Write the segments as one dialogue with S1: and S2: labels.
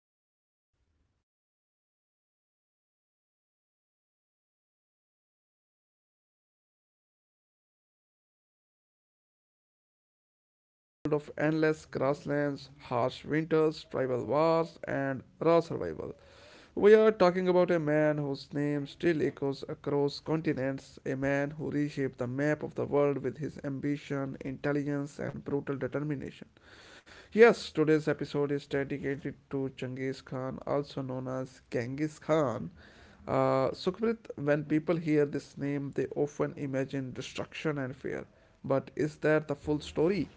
S1: welcome back to another deep and thoughtful episode of our history podcast. I'm your host, Ankush, and as always, I'm joined by my co host, Sukhpreet. Today, we are stepping into a world of endless grasslands, harsh winters, tribal wars, and raw survival. We are talking about a man whose name still echoes across continents, a man who reshaped the map of the world with his ambition, intelligence, and brutal determination. Yes, today's episode is dedicated to Genghis Khan, also known as Genghis Khan. Sukhprit, when people hear this name, they often imagine destruction and fear. But is that the full story?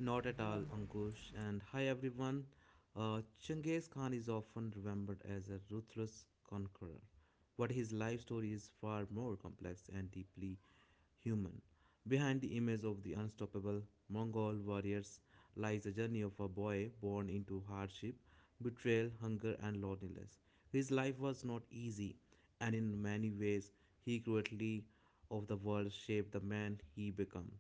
S2: Not at all, Ankush. And hi, everyone. Genghis Khan is often remembered as a ruthless conqueror, but his life story is far more complex and deeply human. Behind the image of the unstoppable Mongol warriors lies the journey of a boy born into hardship, betrayal, hunger, and loneliness. His life was not easy, and in many ways, he cruelty of the world shaped the man he became.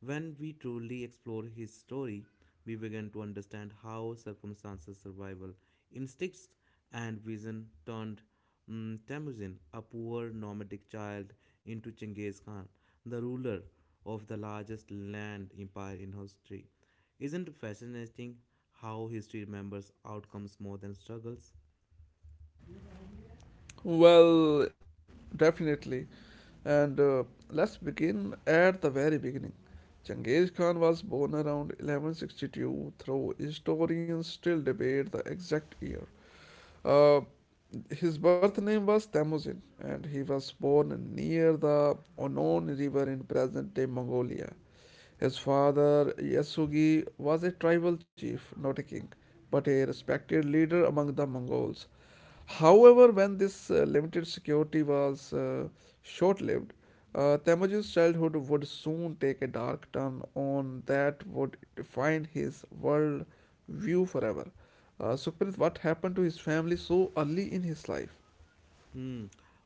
S2: When we truly explore his story, we begin to understand how circumstances, survival, instincts, and vision turned Temujin, a poor nomadic child, into Chinggis Khan, the ruler of the largest land empire in history. Isn't it fascinating how history remembers outcomes more than struggles?
S1: Well, definitely. And let's begin at the very beginning. Genghis Khan was born around 1162, though historians still debate the exact year. Uh, His birth name was Temujin, and he was born near the Onon River in present day Mongolia. His father, Yasugi, was a tribal chief, not a king, but a respected leader among the Mongols. However, when this limited security was short lived, Temujin's childhood would soon take a dark turn on that would define his world view forever. Sukhprit, what happened to his family so early in his life?
S2: Hmm.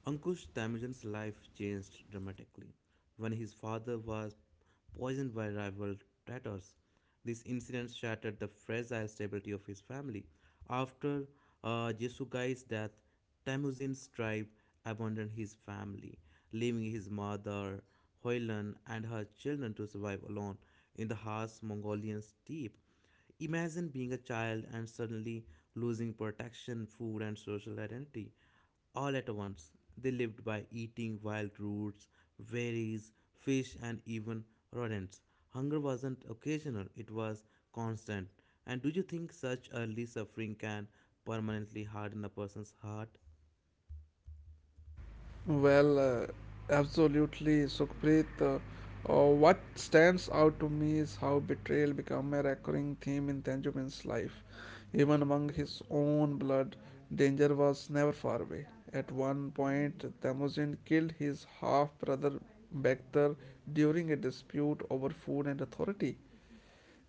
S2: Ankush Tamijan's life changed dramatically when his father was poisoned by rival Tatars. This incident shattered the fragile stability of his family. After Jesugai's death, Tamuzin's tribe abandoned his family, leaving his mother, Hoylan, and her children to survive alone in the harsh Mongolian steppe. Imagine being a child and suddenly losing protection, food, and social identity all at once. They lived by eating wild roots, berries, fish, and even rodents. Hunger wasn't occasional, it was constant. And do you think such early suffering can permanently harden a person's heart?
S1: Well, absolutely, Sukhpreet. What stands out to me is how betrayal became a recurring theme in Tenjubin's life. Even among his own blood, danger was never far away. At one point, Temujin killed his half brother Bektar during a dispute over food and authority.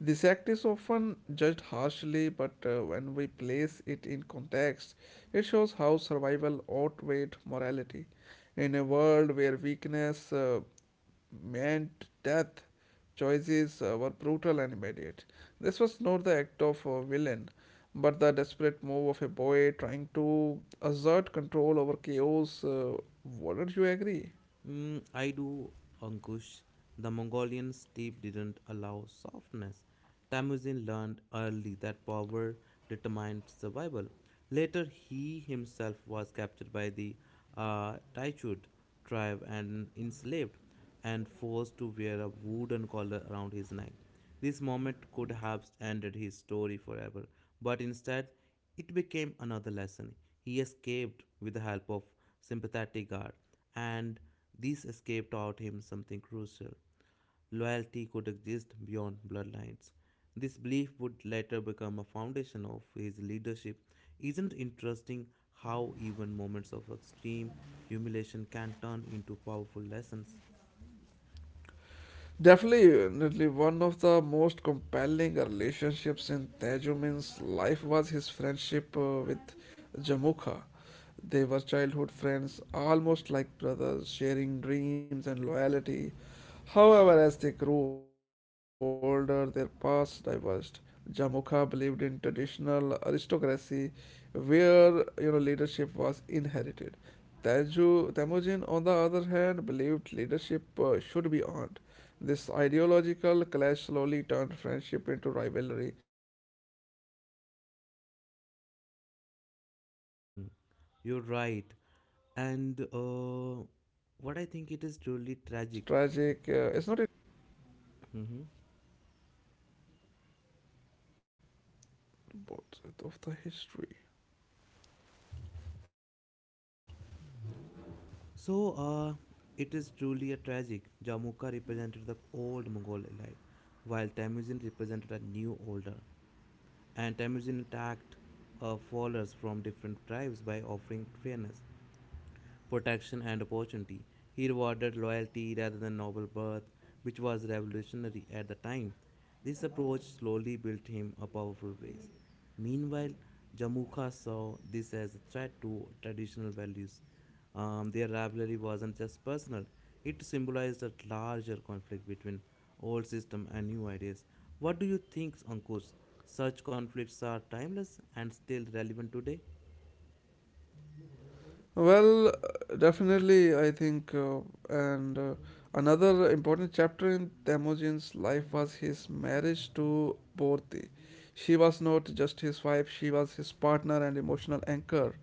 S1: This act is often judged harshly, but when we place it in context, it shows how survival outweighed morality. In a world where weakness meant death, choices were brutal and immediate. This was not the act of a villain, but the desperate move of a boy trying to assert control over chaos. Wouldn't you agree?
S2: Mm, I do, Ankush. The Mongolian steppe didn't allow softness. Temujin learned early that power determined survival. Later, he himself was captured by the Taichud tribe and enslaved and forced to wear a wooden collar around his neck. This moment could have ended his story forever, but instead, it became another lesson. He escaped with the help of sympathetic guard, and this escape taught him something crucial loyalty could exist beyond bloodlines. This belief would later become a foundation of his leadership. Isn't it interesting how even moments of extreme humiliation can turn into powerful lessons?
S1: Definitely, one of the most compelling relationships in Tajumin's life was his friendship with Jamukha. They were childhood friends, almost like brothers, sharing dreams and loyalty. However, as they grew older, their paths diverged. Jamukha believed in traditional aristocracy where you know leadership was inherited. Taju, Temujin, on the other hand, believed leadership should be earned. This ideological clash slowly turned friendship into rivalry. It's almost tragic, is not it?
S2: Hmm.
S1: How two people
S2: You're
S1: with the
S2: right.
S1: same
S2: And
S1: beginnings,
S2: uh,
S1: ended up
S2: what I think it is truly tragic. Mhm.
S1: both sides of the history.
S2: So uh, it is truly a tragic. Jamukha represented the old Mongol elite, while Temujin represented a new older. And Temujin attacked followers from different tribes by offering fairness, protection, and opportunity. He rewarded loyalty rather than noble birth, which was revolutionary at the time. This approach slowly built him a powerful base. Meanwhile, Jamukha saw this as a threat to traditional values. Their rivalry wasn't just personal, it symbolized a larger conflict between old system and new ideas. What do you think, Ankush? Such conflicts are timeless and still relevant today?
S1: Well, definitely, I think, and another important chapter in Temujin's life was his marriage to Borti. She was not just his wife, she was his partner and emotional anchor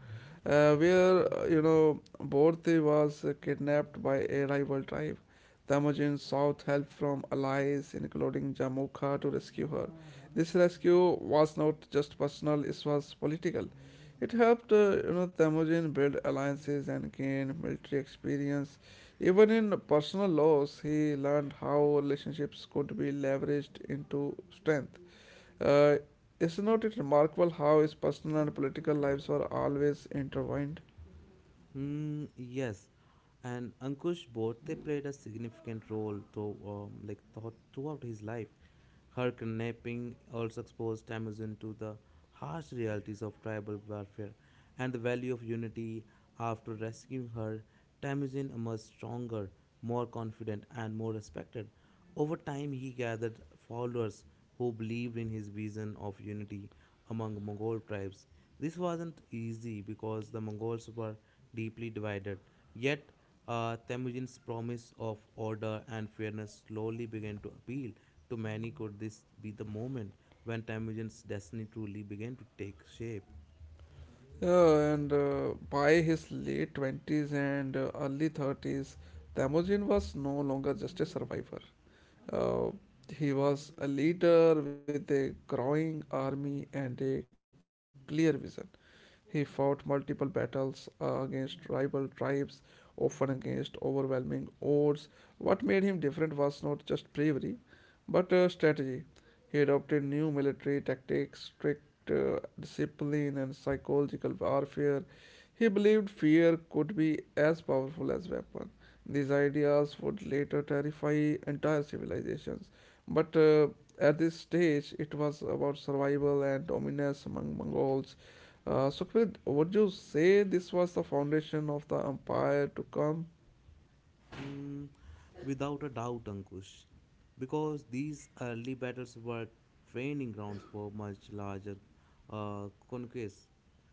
S1: where Borte was kidnapped by a rival tribe. The sought help from allies, including Jamukha, to rescue her. This rescue was not just personal; it was political. It helped, Temujin build alliances and gain military experience. Even in personal loss, he learned how relationships could be leveraged into strength. Uh, is not it remarkable how his personal and political lives were always intertwined?
S2: Hmm, yes, and Ankush Bhot, they played a significant role to, like thought throughout his life. Her kidnapping also exposed Temujin to the harsh realities of tribal warfare and the value of unity. After rescuing her, Temujin emerged stronger, more confident, and more respected. Over time, he gathered followers who believed in his vision of unity among Mongol tribes. This wasn't easy because the Mongols were deeply divided. Yet, Temujin's promise of order and fairness slowly began to appeal to many, could this be the moment when Temujin's destiny truly began to take shape?
S1: And by his late 20s and early 30s, Temujin was no longer just a survivor. Uh, he was a leader with a growing army and a clear vision. He fought multiple battles against rival tribes, often against overwhelming odds. What made him different was not just bravery, but strategy. He adopted new military tactics, strict discipline, and psychological warfare. He believed fear could be as powerful as weapon. These ideas would later terrify entire civilizations, but at this stage, it was about survival and dominance among Mongols. So, Kvid, would you say this was the foundation of the empire to come?
S2: Mm, without a doubt, Ankush, because these early battles were training grounds for much larger conquests.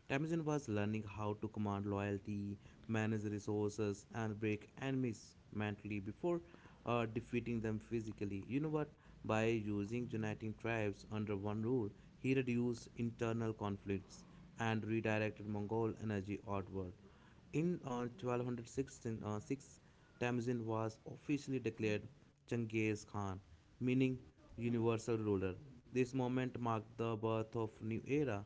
S2: Temujin was learning how to command loyalty, manage resources, and break enemies mentally before defeating them physically. You know what? By using uniting tribes under one rule, he reduced internal conflicts and redirected Mongol energy outward. In 1216, six, Tamizin was officially declared Genghis Khan, meaning universal ruler. This moment marked the birth of new era.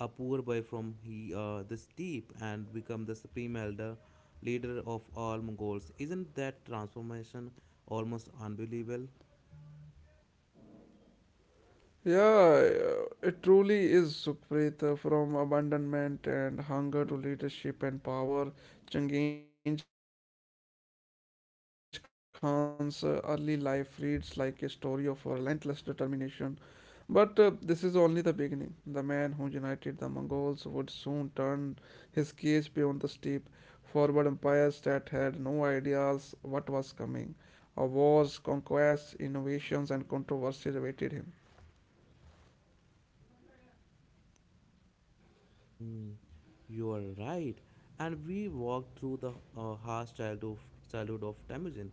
S2: A poor boy from the steppe and become the supreme elder leader of all Mongols. Isn't that transformation almost unbelievable?
S1: Yeah, it truly is Sukhpreet from abandonment and hunger to leadership and power. Changenge Khan's early life reads like a story of relentless determination. But this is only the beginning. The man who united the Mongols would soon turn his gaze beyond the steep, forward empires that had no ideas what was coming. Wars, conquests, innovations, and controversies awaited him.
S2: Mm, you are right. And we walked through the uh, harsh childhood, childhood of Temujin.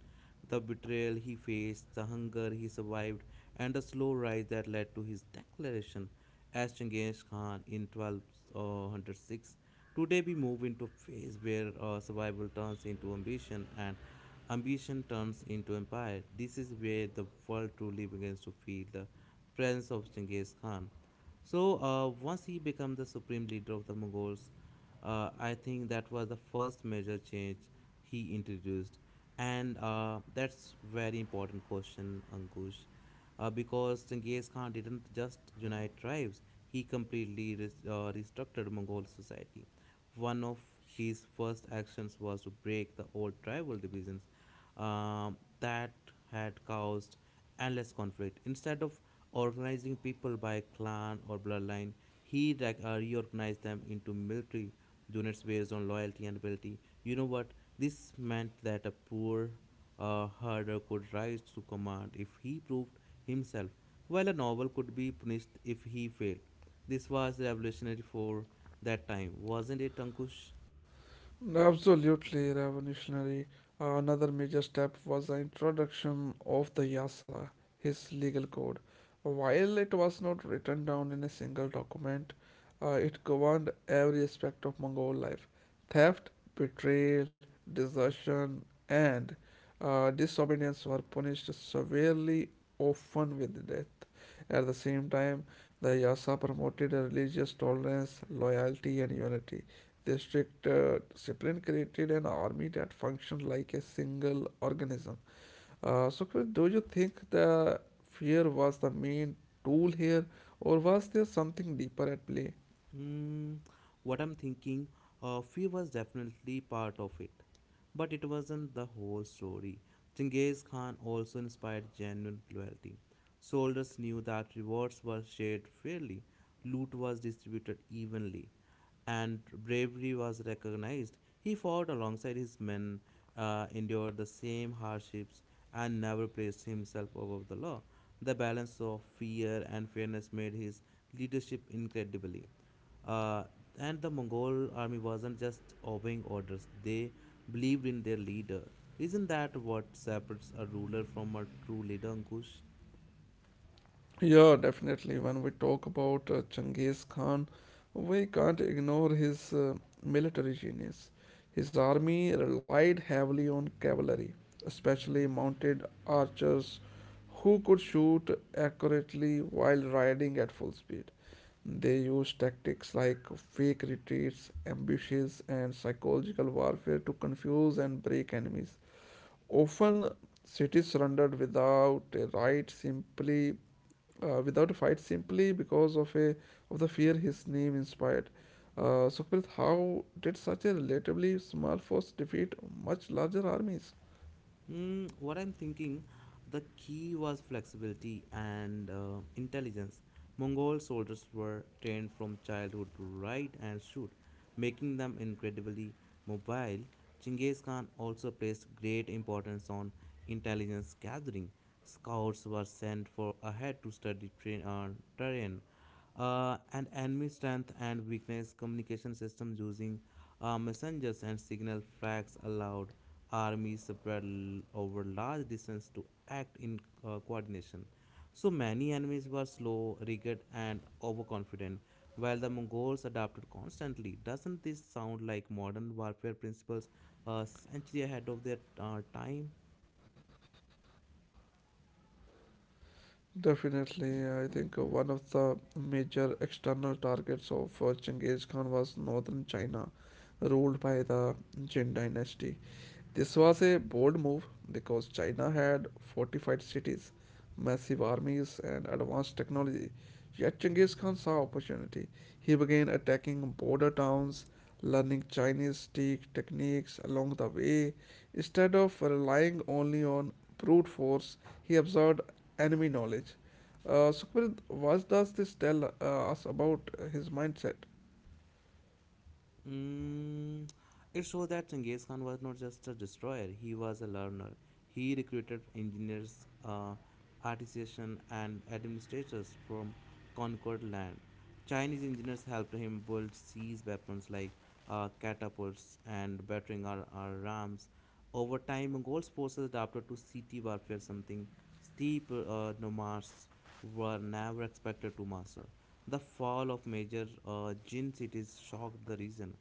S2: The betrayal he faced, the hunger he survived, and the slow rise that led to his declaration as Chinggis Khan in 1206. Today we move into a phase where survival turns into ambition and ambition turns into empire. This is where the world truly begins to feel the presence of Genghis Khan. So once he became the supreme leader of the Mongols, I think that was the first major change he introduced, and that's very important question, Ankush, because Genghis Khan didn't just unite tribes; he completely restructured Mongol society. One of his first actions was to break the old tribal divisions that had caused endless conflict. Instead of organizing people by clan or bloodline, he reorganized them into military units based on loyalty and ability. You know what? This meant that a poor herder could rise to command if he proved himself, while a noble could be punished if he failed. This was revolutionary for that time, wasn't it, Ankush?
S1: Absolutely revolutionary. Another major step was the introduction of the Yasa, his legal code. While it was not written down in a single document, it governed every aspect of Mongol life theft, betrayal, desertion, and disobedience were punished severely, often with death. At the same time, the Yasa promoted religious tolerance, loyalty, and unity District discipline created an army that functioned like a single organism. So, Chris, do you think the fear was the main tool here, or was there something deeper at play?
S2: Mm, what I'm thinking, fear was definitely part of it, but it wasn't the whole story. Genghis Khan also inspired genuine loyalty. Soldiers knew that rewards were shared fairly, loot was distributed evenly, and bravery was recognized. He fought alongside his men, endured the same hardships, and never placed himself above the law. The balance of fear and fairness made his leadership incredibly. Uh, and the Mongol army wasn't just obeying orders, they believed in their leader. Isn't that what separates a ruler from a true leader, Ankush?
S1: Yeah, definitely. When we talk about Genghis Khan, we can't ignore his military genius. His army relied heavily on cavalry, especially mounted archers who could shoot accurately while riding at full speed. They use tactics like fake retreats, ambushes, and psychological warfare to confuse and break enemies. Often, cities surrendered without a right, simply without a fight, simply because of a of the fear his name inspired. Sukhpreet, how did such a relatively small force defeat much larger armies?
S2: What I'm thinking, the key was flexibility and intelligence. Mongol soldiers were trained from childhood to ride and shoot, making them incredibly mobile. Chinggis Khan also placed great importance on intelligence gathering. Scouts were sent for ahead to study terrain and enemy strength and weakness. Communication systems using messengers and signal flags allowed armies over large distances to act in coordination. So many enemies were slow, rigid, and overconfident, while the Mongols adapted constantly. Doesn't this sound like modern warfare principles a century ahead of their time?
S1: Definitely, I think one of the major external targets of Genghis Khan was northern China, ruled by the Jin dynasty. This was a bold move because China had fortified cities, massive armies, and advanced technology. Yet Genghis Khan saw opportunity. He began attacking border towns, learning Chinese tea techniques along the way. Instead of relying only on brute force, he absorbed enemy knowledge. Sukhpreet, what does this tell us about his mindset?
S2: Mm, it shows that Genghis Khan was not just a destroyer, he was a learner. He recruited engineers, artisans, and administrators from conquered land. Chinese engineers helped him build siege weapons like catapults and battering rams. Over time, Mongols' forces adapted to city warfare, something steep nomads were never expected to master. The fall of major Jin cities shocked the region.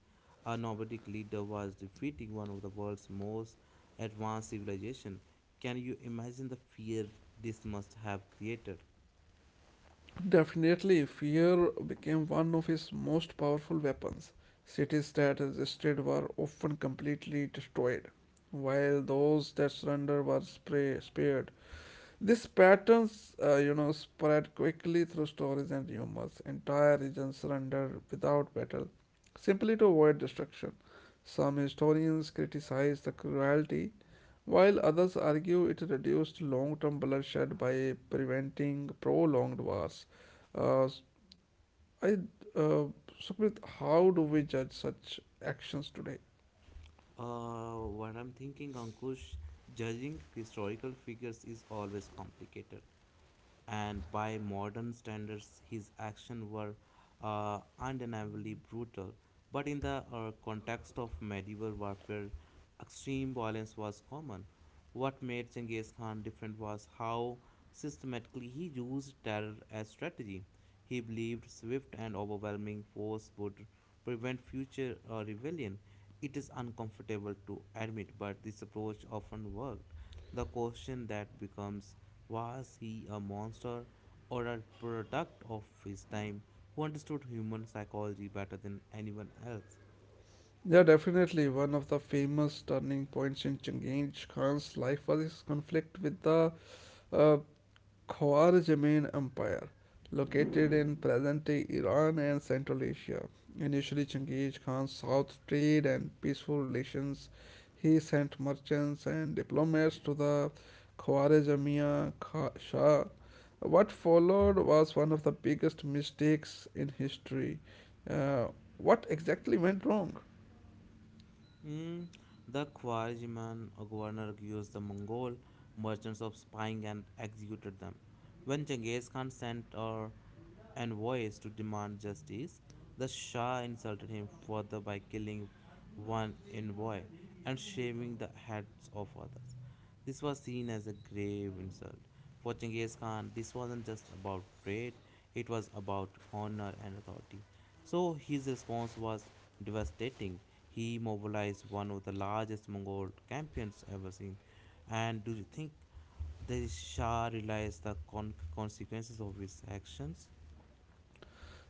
S2: A nomadic leader was defeating one of the world's most advanced civilization. Can you imagine the fear this must have created?
S1: Definitely, fear became one of his most powerful weapons. Cities that resisted were often completely destroyed, while those that surrendered were spared. These patterns, spread quickly through stories and humors. Entire regions surrender without battle, simply to avoid destruction. Some historians criticize the cruelty, while others argue it reduced long term bloodshed by preventing prolonged wars. Uh, s- I, uh, Sukhmit, how do we judge such actions today?
S2: What I'm thinking, Ankush, judging historical figures is always complicated, and by modern standards, his actions were undeniably brutal. But in the context of medieval warfare, extreme violence was common. What made Genghis Khan different was how systematically he used terror as strategy. He believed swift and overwhelming force would prevent future rebellion. It is uncomfortable to admit, but this approach often worked. The question that becomes was he a monster or a product of his time who understood human psychology better than anyone else.
S1: Yeah, definitely. One of the famous turning points in Chinggis Khan's life was his conflict with the A Khwarizmian Empire, located in present-day Iran and Central Asia, initially Chinggis Khan sought trade and peaceful relations. He sent merchants and diplomats to the Khwarezmiya Shah. What followed was one of the biggest mistakes in history. Uh, what exactly went wrong?
S2: Mm, the Khwarezmian governor accused the Mongol merchants of spying and executed them. When Genghis Khan sent a and voice to demand justice. The Shah insulted him further by killing one envoy and shaving the heads of others. This was seen as a grave insult. For Genghis Khan, this wasn't just about trade, it was about honor and authority. So his response was devastating. He mobilized one of the largest Mongol campaigns ever seen. And do you think the Shah realized the consequences of his actions?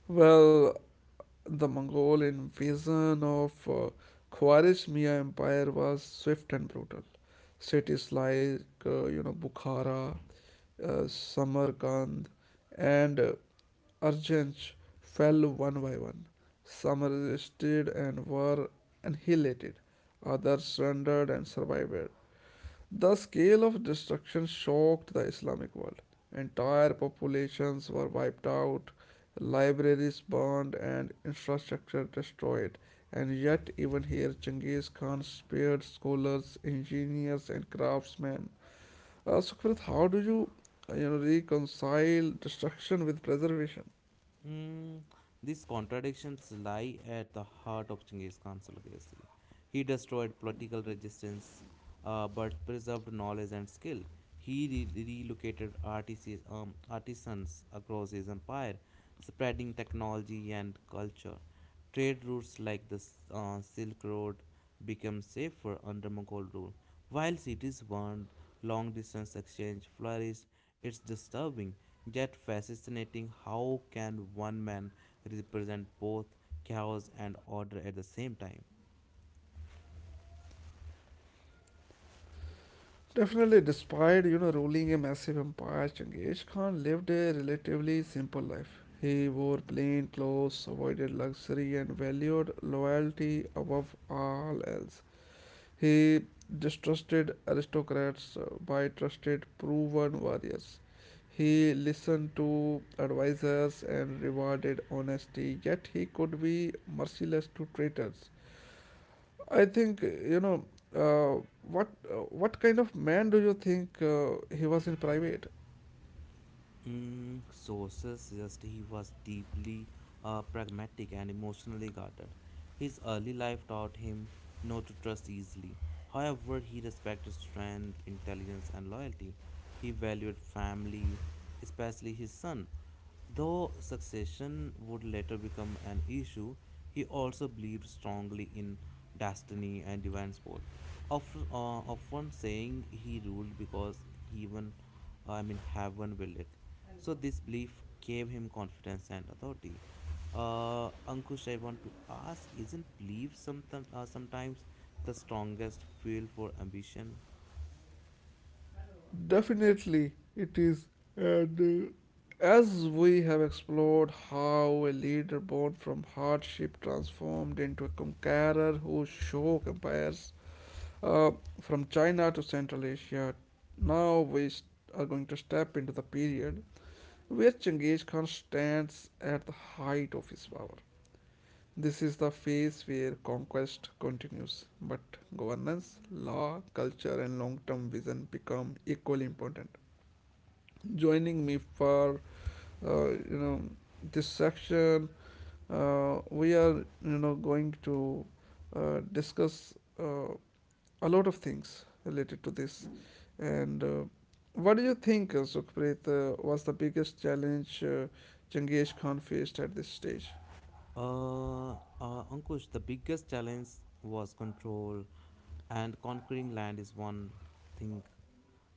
S1: Well, the Mongol invasion of Khwarezmiya Empire was swift and brutal. Cities like Bukhara, Samarkand, and Arjanj fell one by one. Some resisted and were annihilated, others surrendered and survived. The scale of destruction shocked the Islamic world. Entire populations were wiped out, libraries burned, and infrastructure destroyed. And yet, even here, Genghis Khan spared scholars, engineers, and craftsmen. Sukhpreet, how do you, reconcile destruction with preservation?
S2: Mm, these contradictions lie at the heart of Genghis Khan's legacy. He destroyed political resistance but preserved knowledge and skill. He relocated artisans, artisans across his empire spreading technology and culture. Trade routes like the Silk Road became safer under Mughal rule. While cities burned, long distance exchange flourished. It's disturbing yet fascinating how can one man represent both chaos and order at the same time?
S1: Definitely, despite you know ruling a massive empire, Chinggis Khan lived a relatively simple life. He wore plain clothes, avoided luxury, and valued loyalty above all else. He distrusted aristocrats but trusted proven warriors. He listened to advisors and rewarded honesty, yet he could be merciless to traitors. I think you know uh, what uh, what kind of man do you think he was in private?
S2: Sources suggest he was deeply pragmatic and emotionally guarded. His early life taught him not to trust easily. However, he respected strength, intelligence, and loyalty. He valued family, especially his son. Though succession would later become an issue, he also believed strongly in destiny and divine support. Often, often saying he ruled because even, heaven willed it. So this belief gave him confidence and authority. Ankush, I want to ask: Isn't belief sometimes the strongest fuel for ambition?
S1: Definitely, it is. And as we have explored how a leader born from hardship transformed into a conqueror whose show compares uh, from China to Central Asia, now are going to step into the period where Genghis Khan stands at the height of his power. This is the phase where conquest continues, but governance, law, culture, and long term vision become equally important joining me for uh, you know this section. We are going to discuss uh, a lot of things related to this. And what do you think, Sukhpreet, was the biggest challenge Jangesh Khan faced at this stage?
S2: Ankush, the biggest challenge was control, and conquering land is one thing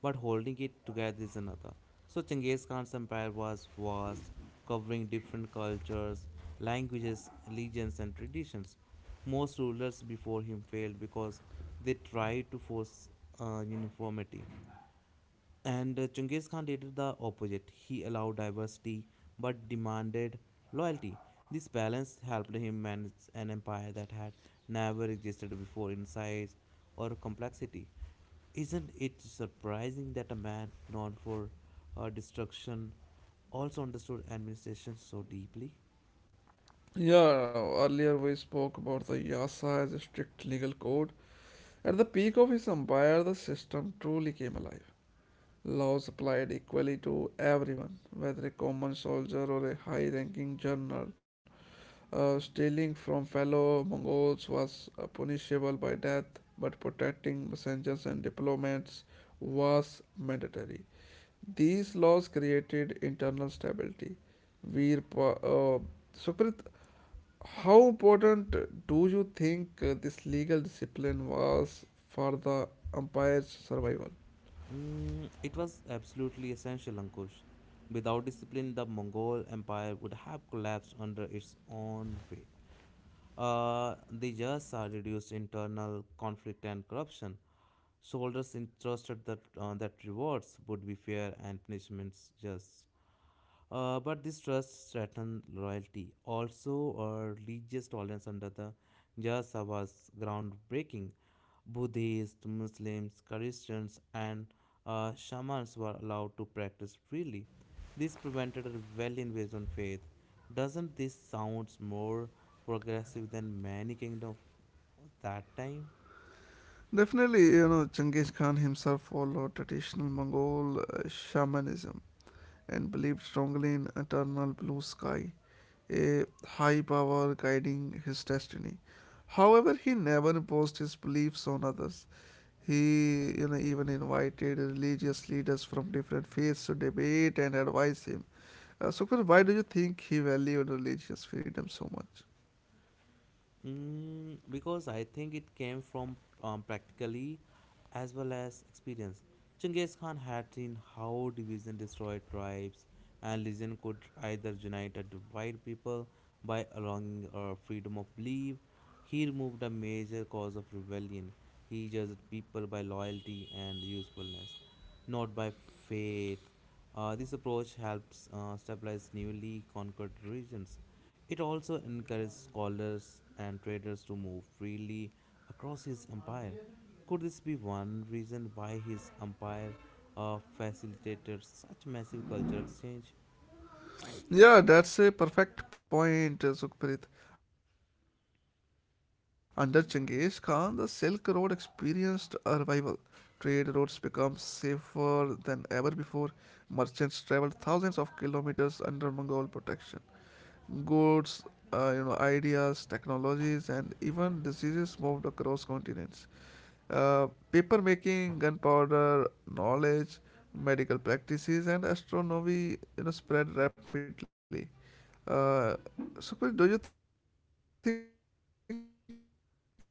S2: but holding it together is another. So Genghis Khan's empire was vast, covering different cultures, languages, religions, and traditions. Most rulers before him failed because they tried to force uniformity. And Genghis Khan did the opposite. He allowed diversity but demanded loyalty. This balance helped him manage an empire that had never existed before in size or complexity. Isn't it surprising that a man known for destruction also understood administration so deeply?
S1: Yeah, earlier we spoke about the Yasa as a strict legal code. At the peak of his empire, the system truly came alive. Laws applied equally to everyone, whether a common soldier or a high ranking general. Stealing from fellow Mongols was punishable by death, but protecting messengers and diplomats was mandatory. These laws created internal stability. Veer, Pa- uh, Sukrit, how important do you think this legal discipline was for the empire's survival?
S2: Mm, it was absolutely essential, Ankush. Without discipline, the Mongol Empire would have collapsed under its own weight. The Jasa reduced internal conflict and corruption. Soldiers entrusted that rewards would be fair and punishments just. But this trust threatened loyalty. Also, religious tolerance under the Jasa was groundbreaking. Buddhists, Muslims, Christians, and shamans were allowed to practice freely. This prevented a rebellion based on faith. Doesn't this sounds more progressive than many kingdoms of that time?
S1: Definitely, you know, Genghis Khan himself followed traditional Mongol shamanism and believed strongly in eternal blue sky, a high power guiding his destiny. However, he never imposed his beliefs on others. He, you know, even invited religious leaders from different faiths to debate and advise him. Sukhbir, why do you think he valued religious freedom so much?
S2: Mm, because I think it came from practically as well as experience. Genghis Khan had seen how division destroyed tribes, and religion could either unite or divide people by allowing freedom of belief. He removed a major cause of rebellion. He judged people by loyalty and usefulness, not by faith. This approach helped stabilize newly conquered regions. It also encouraged scholars and traders to move freely across his empire. Could this be one reason why his empire facilitated such massive cultural exchange?
S1: Yeah, that's a perfect point, Sukhpreet. Under Genghis Khan, the Silk Road experienced a revival. Trade routes became safer than ever before. Merchants traveled thousands of kilometers under Mongol protection. Goods, ideas, technologies, and even diseases moved across continents. Uh, paper making, gunpowder, knowledge, medical practices, and astronomy spread rapidly uh, Sukhpreet, do you think Genghis Khan understood the economic power of trade?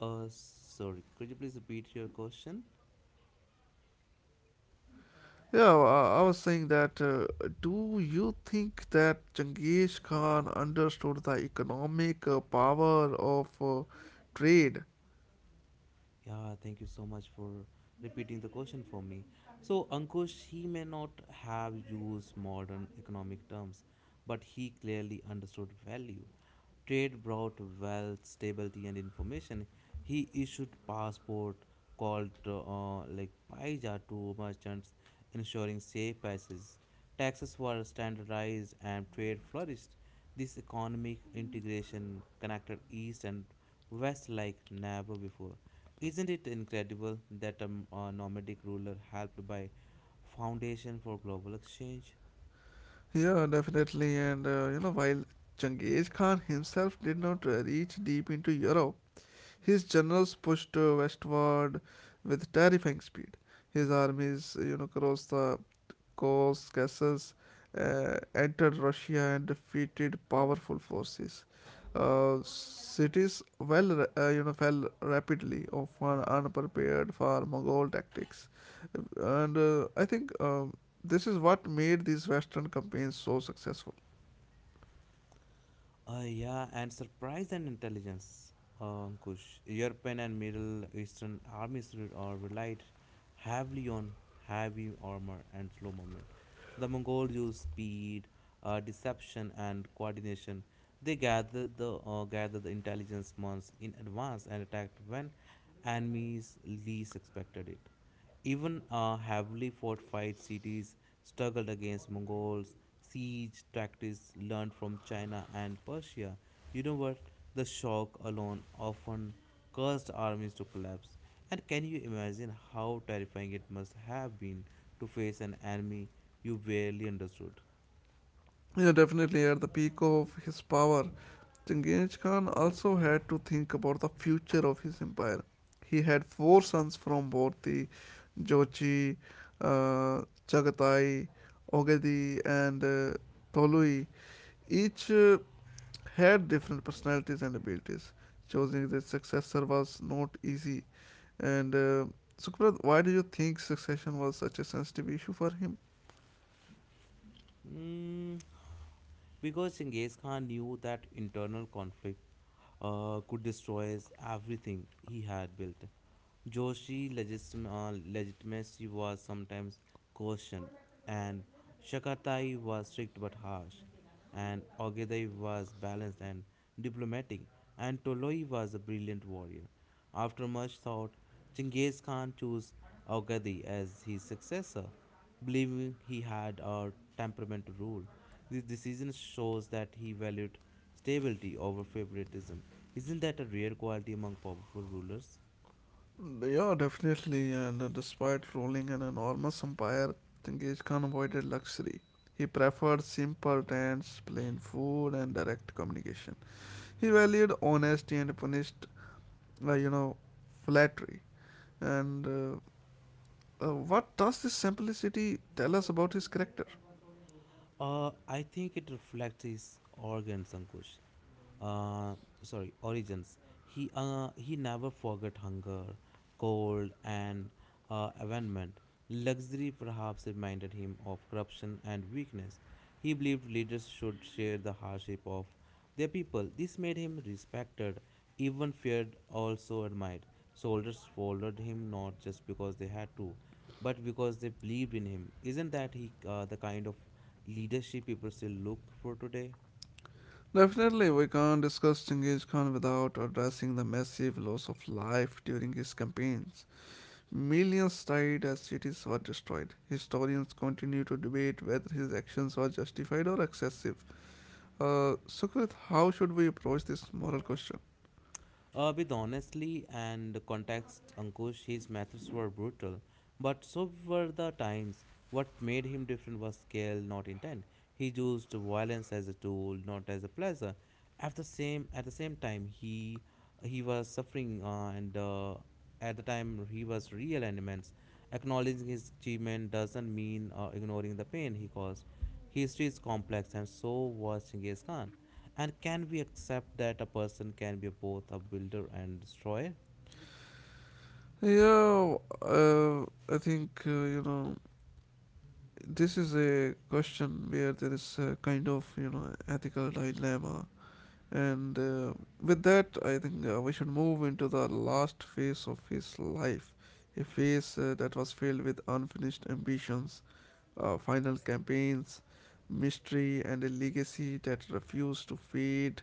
S2: Sorry, could you please repeat your question?
S1: Yeah, I was saying that. Do you think that Genghis Khan understood the economic power of trade?
S2: Yeah, thank you so much for repeating the question for me. So, Ankush, he may not have used modern economic terms, but he clearly understood value. Trade brought wealth, stability, and information. He issued passport called like paisa to merchants, ensuring safe passage. Taxes were standardized and trade flourished. This economic integration connected East and West like never before. Isn't it incredible that a nomadic ruler helped by foundation for global exchange?
S1: Yeah, definitely. And while Genghis Khan himself did not reach deep into Europe, his generals pushed westward with terrifying speed. His armies, crossed the Caucasus, entered Russia, and defeated powerful forces. Cities, well, fell rapidly, often unprepared for Mongol tactics, and I think, this is what made these Western campaigns so successful.
S2: Yeah, and surprise and intelligence, Ankush. European and Middle Eastern armies relied heavily on heavy armor and slow movement. The Mongols used speed, deception, and coordination. They gathered the intelligence months in advance and attacked when enemies least expected it. Even heavily fortified cities struggled against Mongols, siege tactics learned from China and Persia. You know what? The shock alone often caused armies to collapse. And can you imagine how terrifying it must have been to face an enemy you barely understood?
S1: Definitely, at the peak of his power, Genghis Khan also had to think about the future of his empire. He had four sons: from both the Jochi, uh, Chagatai, Ogedi, and Tolui, each had different personalities and abilities. Choosing their successor was not easy. And Sukhprat, why do you think succession was such a sensitive issue for him?
S2: Mm, because Genghis Khan knew that internal conflict could destroy everything he had built. Joshi legitimacy was sometimes questioned, and Shakatai was strict but harsh, and Ogedai was balanced and diplomatic, and Toloi was a brilliant warrior. After much thought, Chinggis Khan chose Ogedai as his successor, believing he had a temperament to rule. This decision shows that he valued stability over favoritism. Isn't that a rare quality among powerful rulers?
S1: Yeah, definitely. And despite ruling an enormous empire, Tengiz Khan avoided luxury. He preferred simple tents, plain food, and direct communication. He valued honesty and punished, like, flattery, and what does this simplicity tell us about his character?
S2: I think it reflects his organs, Ankush. Uh, sorry, origins. He never forgot hunger, cold, and abandonment. Luxury perhaps reminded him of corruption and weakness. He believed leaders should share the hardship of their people. This made him respected, even feared, also admired. Soldiers followed him not just because they had to, but because they believed in him. Isn't that he the kind of leadership people still look for today?
S1: Definitely, we can't discuss Genghis Khan without addressing the massive loss of life during his campaigns. Millions died as cities were destroyed. Historians continue to debate whether his actions were justified or excessive. Sukhvit, how should we approach this moral question?
S2: With honestly and context, Ankush, his methods were brutal, but so were the times. What made him different was scale, not intent. He used violence as a tool, not as a pleasure. At the same time, he was suffering, and at the time he was real and immense. Acknowledging his achievement doesn't mean ignoring the pain he caused. History is complex, and so was Genghis Khan. And can we accept that a person can be both a builder and destroyer?
S1: Yeah, uh, I think, this is a question where there is a kind of, ethical dilemma. And with that, I think, we should move into the last phase of his life, a phase that was filled with unfinished ambitions, final campaigns, mystery, and a legacy that refused to fade.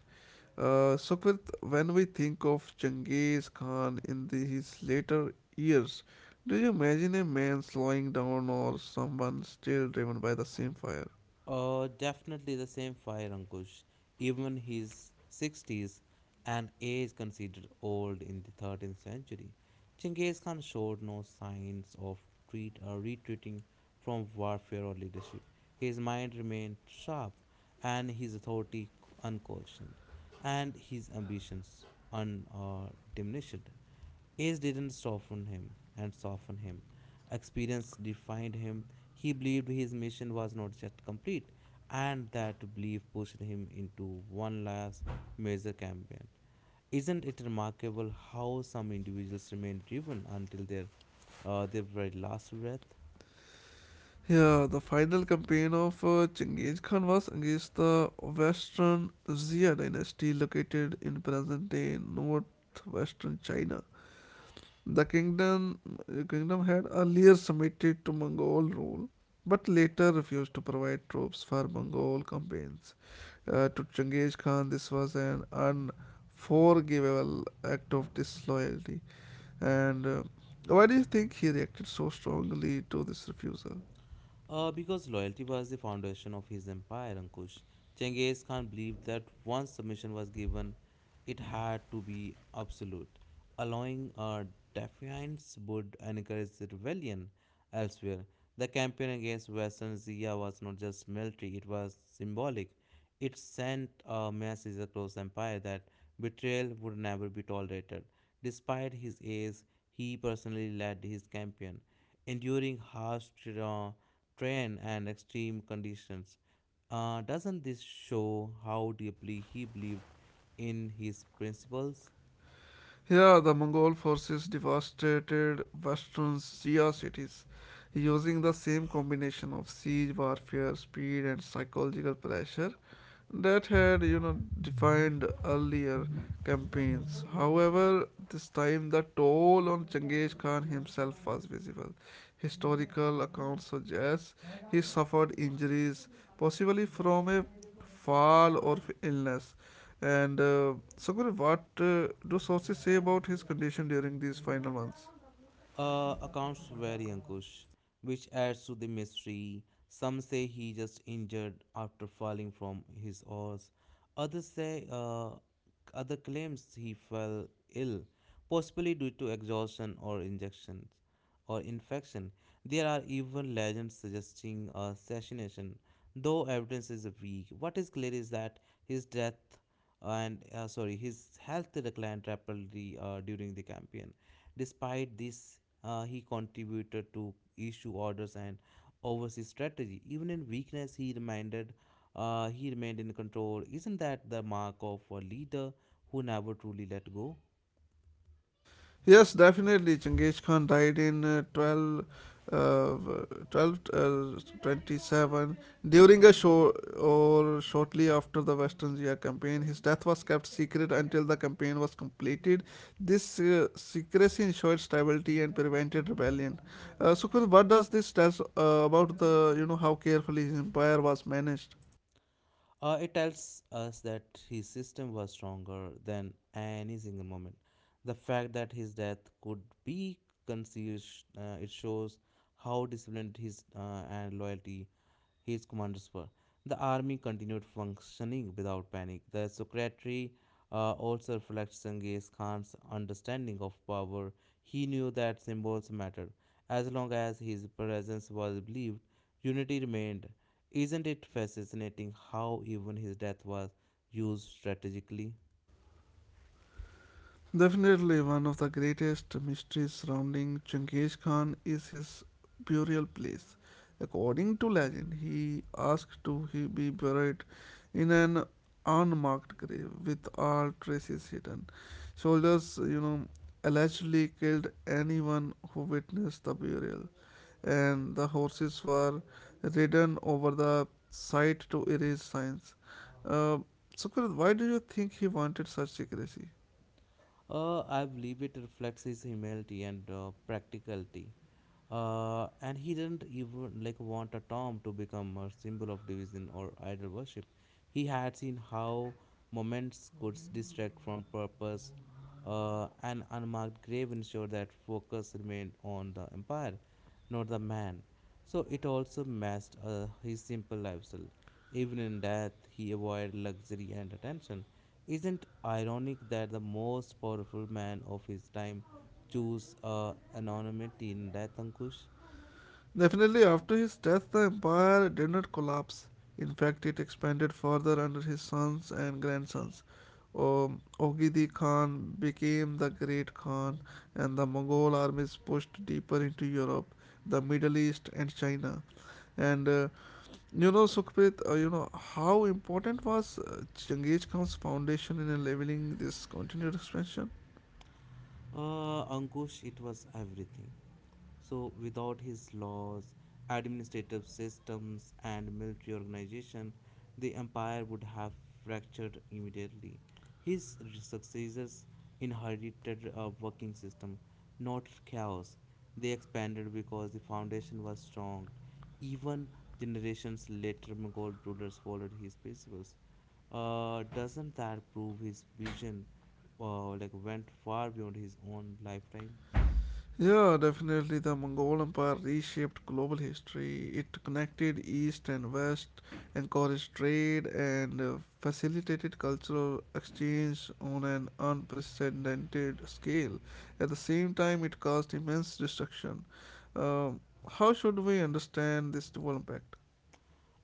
S1: Sukhvit, when we think of Genghis Khan in the, his later years, do you imagine a man slowing down or someone still driven by the same fire?
S2: Definitely the same fire, Ankush. Even his 60s, an age considered old in the 13th century, Chinggis Khan showed no signs of treat or retreating from warfare or leadership. His mind remained sharp, and his authority unquestioned, and his ambitions undiminished. Age didn't soften him. Experience defined him. He believed his mission was not yet complete, and that belief pushed him into one last major campaign. Isn't it remarkable how some individuals remain driven until their very last breath?
S1: Yeah, the final campaign of Genghis Khan was against the Western Xia dynasty, located in present-day northwestern China. The kingdom, the kingdom had earlier submitted to Mongol rule, but later refused to provide troops for Mongol campaigns. To Changez Khan, this was an unforgivable act of disloyalty. And why do you think he reacted so strongly to this refusal?
S2: Because loyalty was the foundation of his empire, Ankush. Genghis Khan believed that once submission was given, it had to be absolute. Allowing defiance would encourage rebellion elsewhere. The campaign against Western Asia was not just military, it was symbolic. It sent a message across the empire that betrayal would never be tolerated. Despite his age, he personally led his campaign, enduring harsh terrain and extreme conditions. Doesn't this show how deeply he believed in his principles?
S1: Here, the Mongol forces devastated western Shia cities using the same combination of siege warfare, speed, and psychological pressure that had defined earlier campaigns. However, this time the toll on Genghis Khan himself was visible. Historical accounts suggest he suffered injuries, possibly from a fall or illness. And Sangur, what do sources say about his condition during these final months?
S2: Accounts vary, Ankush, which adds to the mystery. Some say he just injured after falling from his horse. Others say, uh, other claims he fell ill, possibly due to exhaustion or injections or infection. There are even legends suggesting assassination, though evidence is weak. What is clear is that his death and sorry, his health declined rapidly during the campaign. Despite this, he contributed to issue orders and overseas strategy. Even in weakness, he remained in control. Isn't that the mark of a leader who never truly let go?
S1: Yes, definitely. Chinggis Khan died in uh, 12 27 during a show or shortly after the Western Jia campaign. His death was kept secret until the campaign was completed. This secrecy ensured stability and prevented rebellion. So, Kunal, what does this tell us, about the, how carefully his empire was managed?
S2: It tells us that his system was stronger than any single moment. The fact that his death could be concealed, it shows how disciplined his and loyalty his commanders were. The army continued functioning without panic. The secretary also reflects Genghis Khan's understanding of power. He knew that symbols mattered. As long as his presence was believed, unity remained. Isn't it fascinating how even his death was used strategically?
S1: Definitely, one of the greatest mysteries surrounding Genghis Khan is his burial place. According to legend, he asked to he be buried in an unmarked grave with all traces hidden. Soldiers, allegedly killed anyone who witnessed the burial, and the horses were ridden over the site to erase signs. Uh, Sukrit, why do you think he wanted such secrecy?
S2: I believe it reflects his humility and practicality. And he didn't even like want a tomb to become a symbol of division or idol worship. He had seen how moments could distract from purpose. An unmarked grave ensured that focus remained on the empire, not the man. So it also matched his simple lifestyle. Even in death, he avoided luxury and attention. Isn't ironic that the most powerful man of his time chose anonymity in death, Ankush?
S1: Definitely, after his death, the empire did not collapse. In fact, it expanded further under his sons and grandsons. Oghidi Khan became the Great Khan, and the Mongol armies pushed deeper into Europe, the Middle East, and China. And Sukhprit, how important was Genghis Khan's foundation in leveling this continued expansion?
S2: Ankush, it was everything. So, without his laws, administrative systems, and military organization, the empire would have fractured immediately. His successors inherited a working system, not chaos. They expanded because the foundation was strong. Even generations later, Mongol rulers followed his principles. Doesn't that prove his vision like went far beyond his own lifetime?
S1: Yeah, definitely. The Mongol Empire reshaped global history. It connected East and West, encouraged trade, and facilitated cultural exchange on an unprecedented scale. At the same time, it caused immense destruction. Um, how should we understand this dual impact?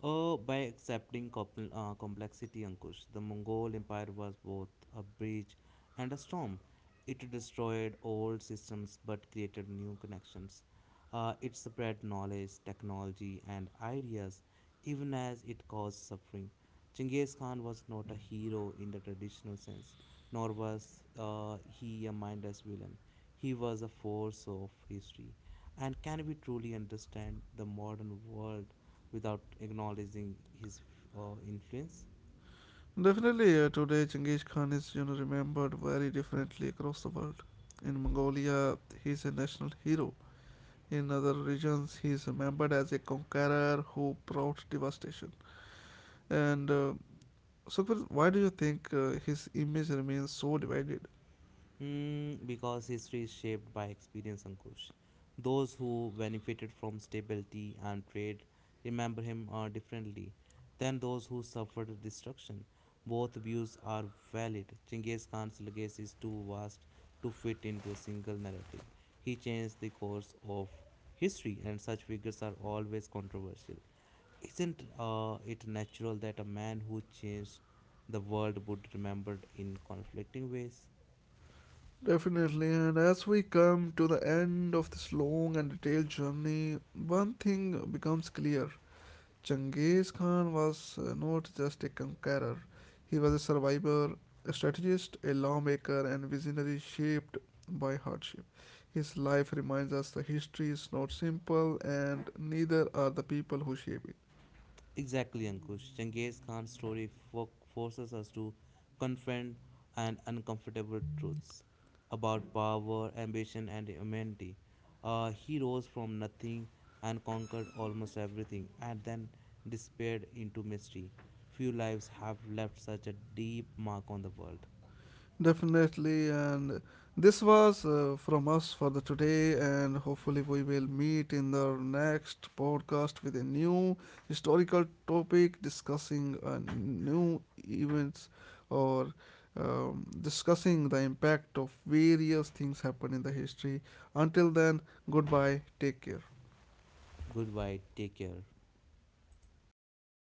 S2: Oh, by accepting complexity, Ankush, the Mongol Empire was both a bridge and a storm. It destroyed old systems but created new connections. It spread knowledge, technology, and ideas even as it caused suffering. Genghis Khan was not a hero in the traditional sense, nor was he a mindless villain. He was a force of history. And can we truly understand the modern world without acknowledging his influence?
S1: Definitely, today Genghis Khan is, remembered very differently across the world. In Mongolia, he is a national hero. In other regions, he is remembered as a conqueror who brought devastation. And Sukhbir, why do you think his image remains so divided?
S2: Hmm, because history is shaped by experience, Ankush. Those who benefited from stability and trade remember him differently than those who suffered destruction. Both views are valid. Chinggis Khan's legacy is too vast to fit into a single narrative. He changed the course of history, and such figures are always controversial. Isn't it natural that a man who changed the world would be remembered in conflicting ways?
S1: Definitely, and as we come to the end of this long and detailed journey, one thing becomes clear. Genghis Khan was, not just a conqueror, he was a survivor, a strategist, a lawmaker, and visionary shaped by hardship. His life reminds us the history is not simple, and neither are the people who shape it.
S2: Exactly, Ankush. Genghis Khan's story forces us to confront an uncomfortable truths about power, ambition, and humanity. He rose from nothing and conquered almost everything, and then disappeared into mystery. Few lives have left such a deep mark on the world.
S1: Definitely, and this was from us for the today, and hopefully we will meet in the next podcast with a new historical topic, discussing new events, or discussing the impact of various things happen in the history. Until then, goodbye. Take care.
S2: Goodbye. Take care.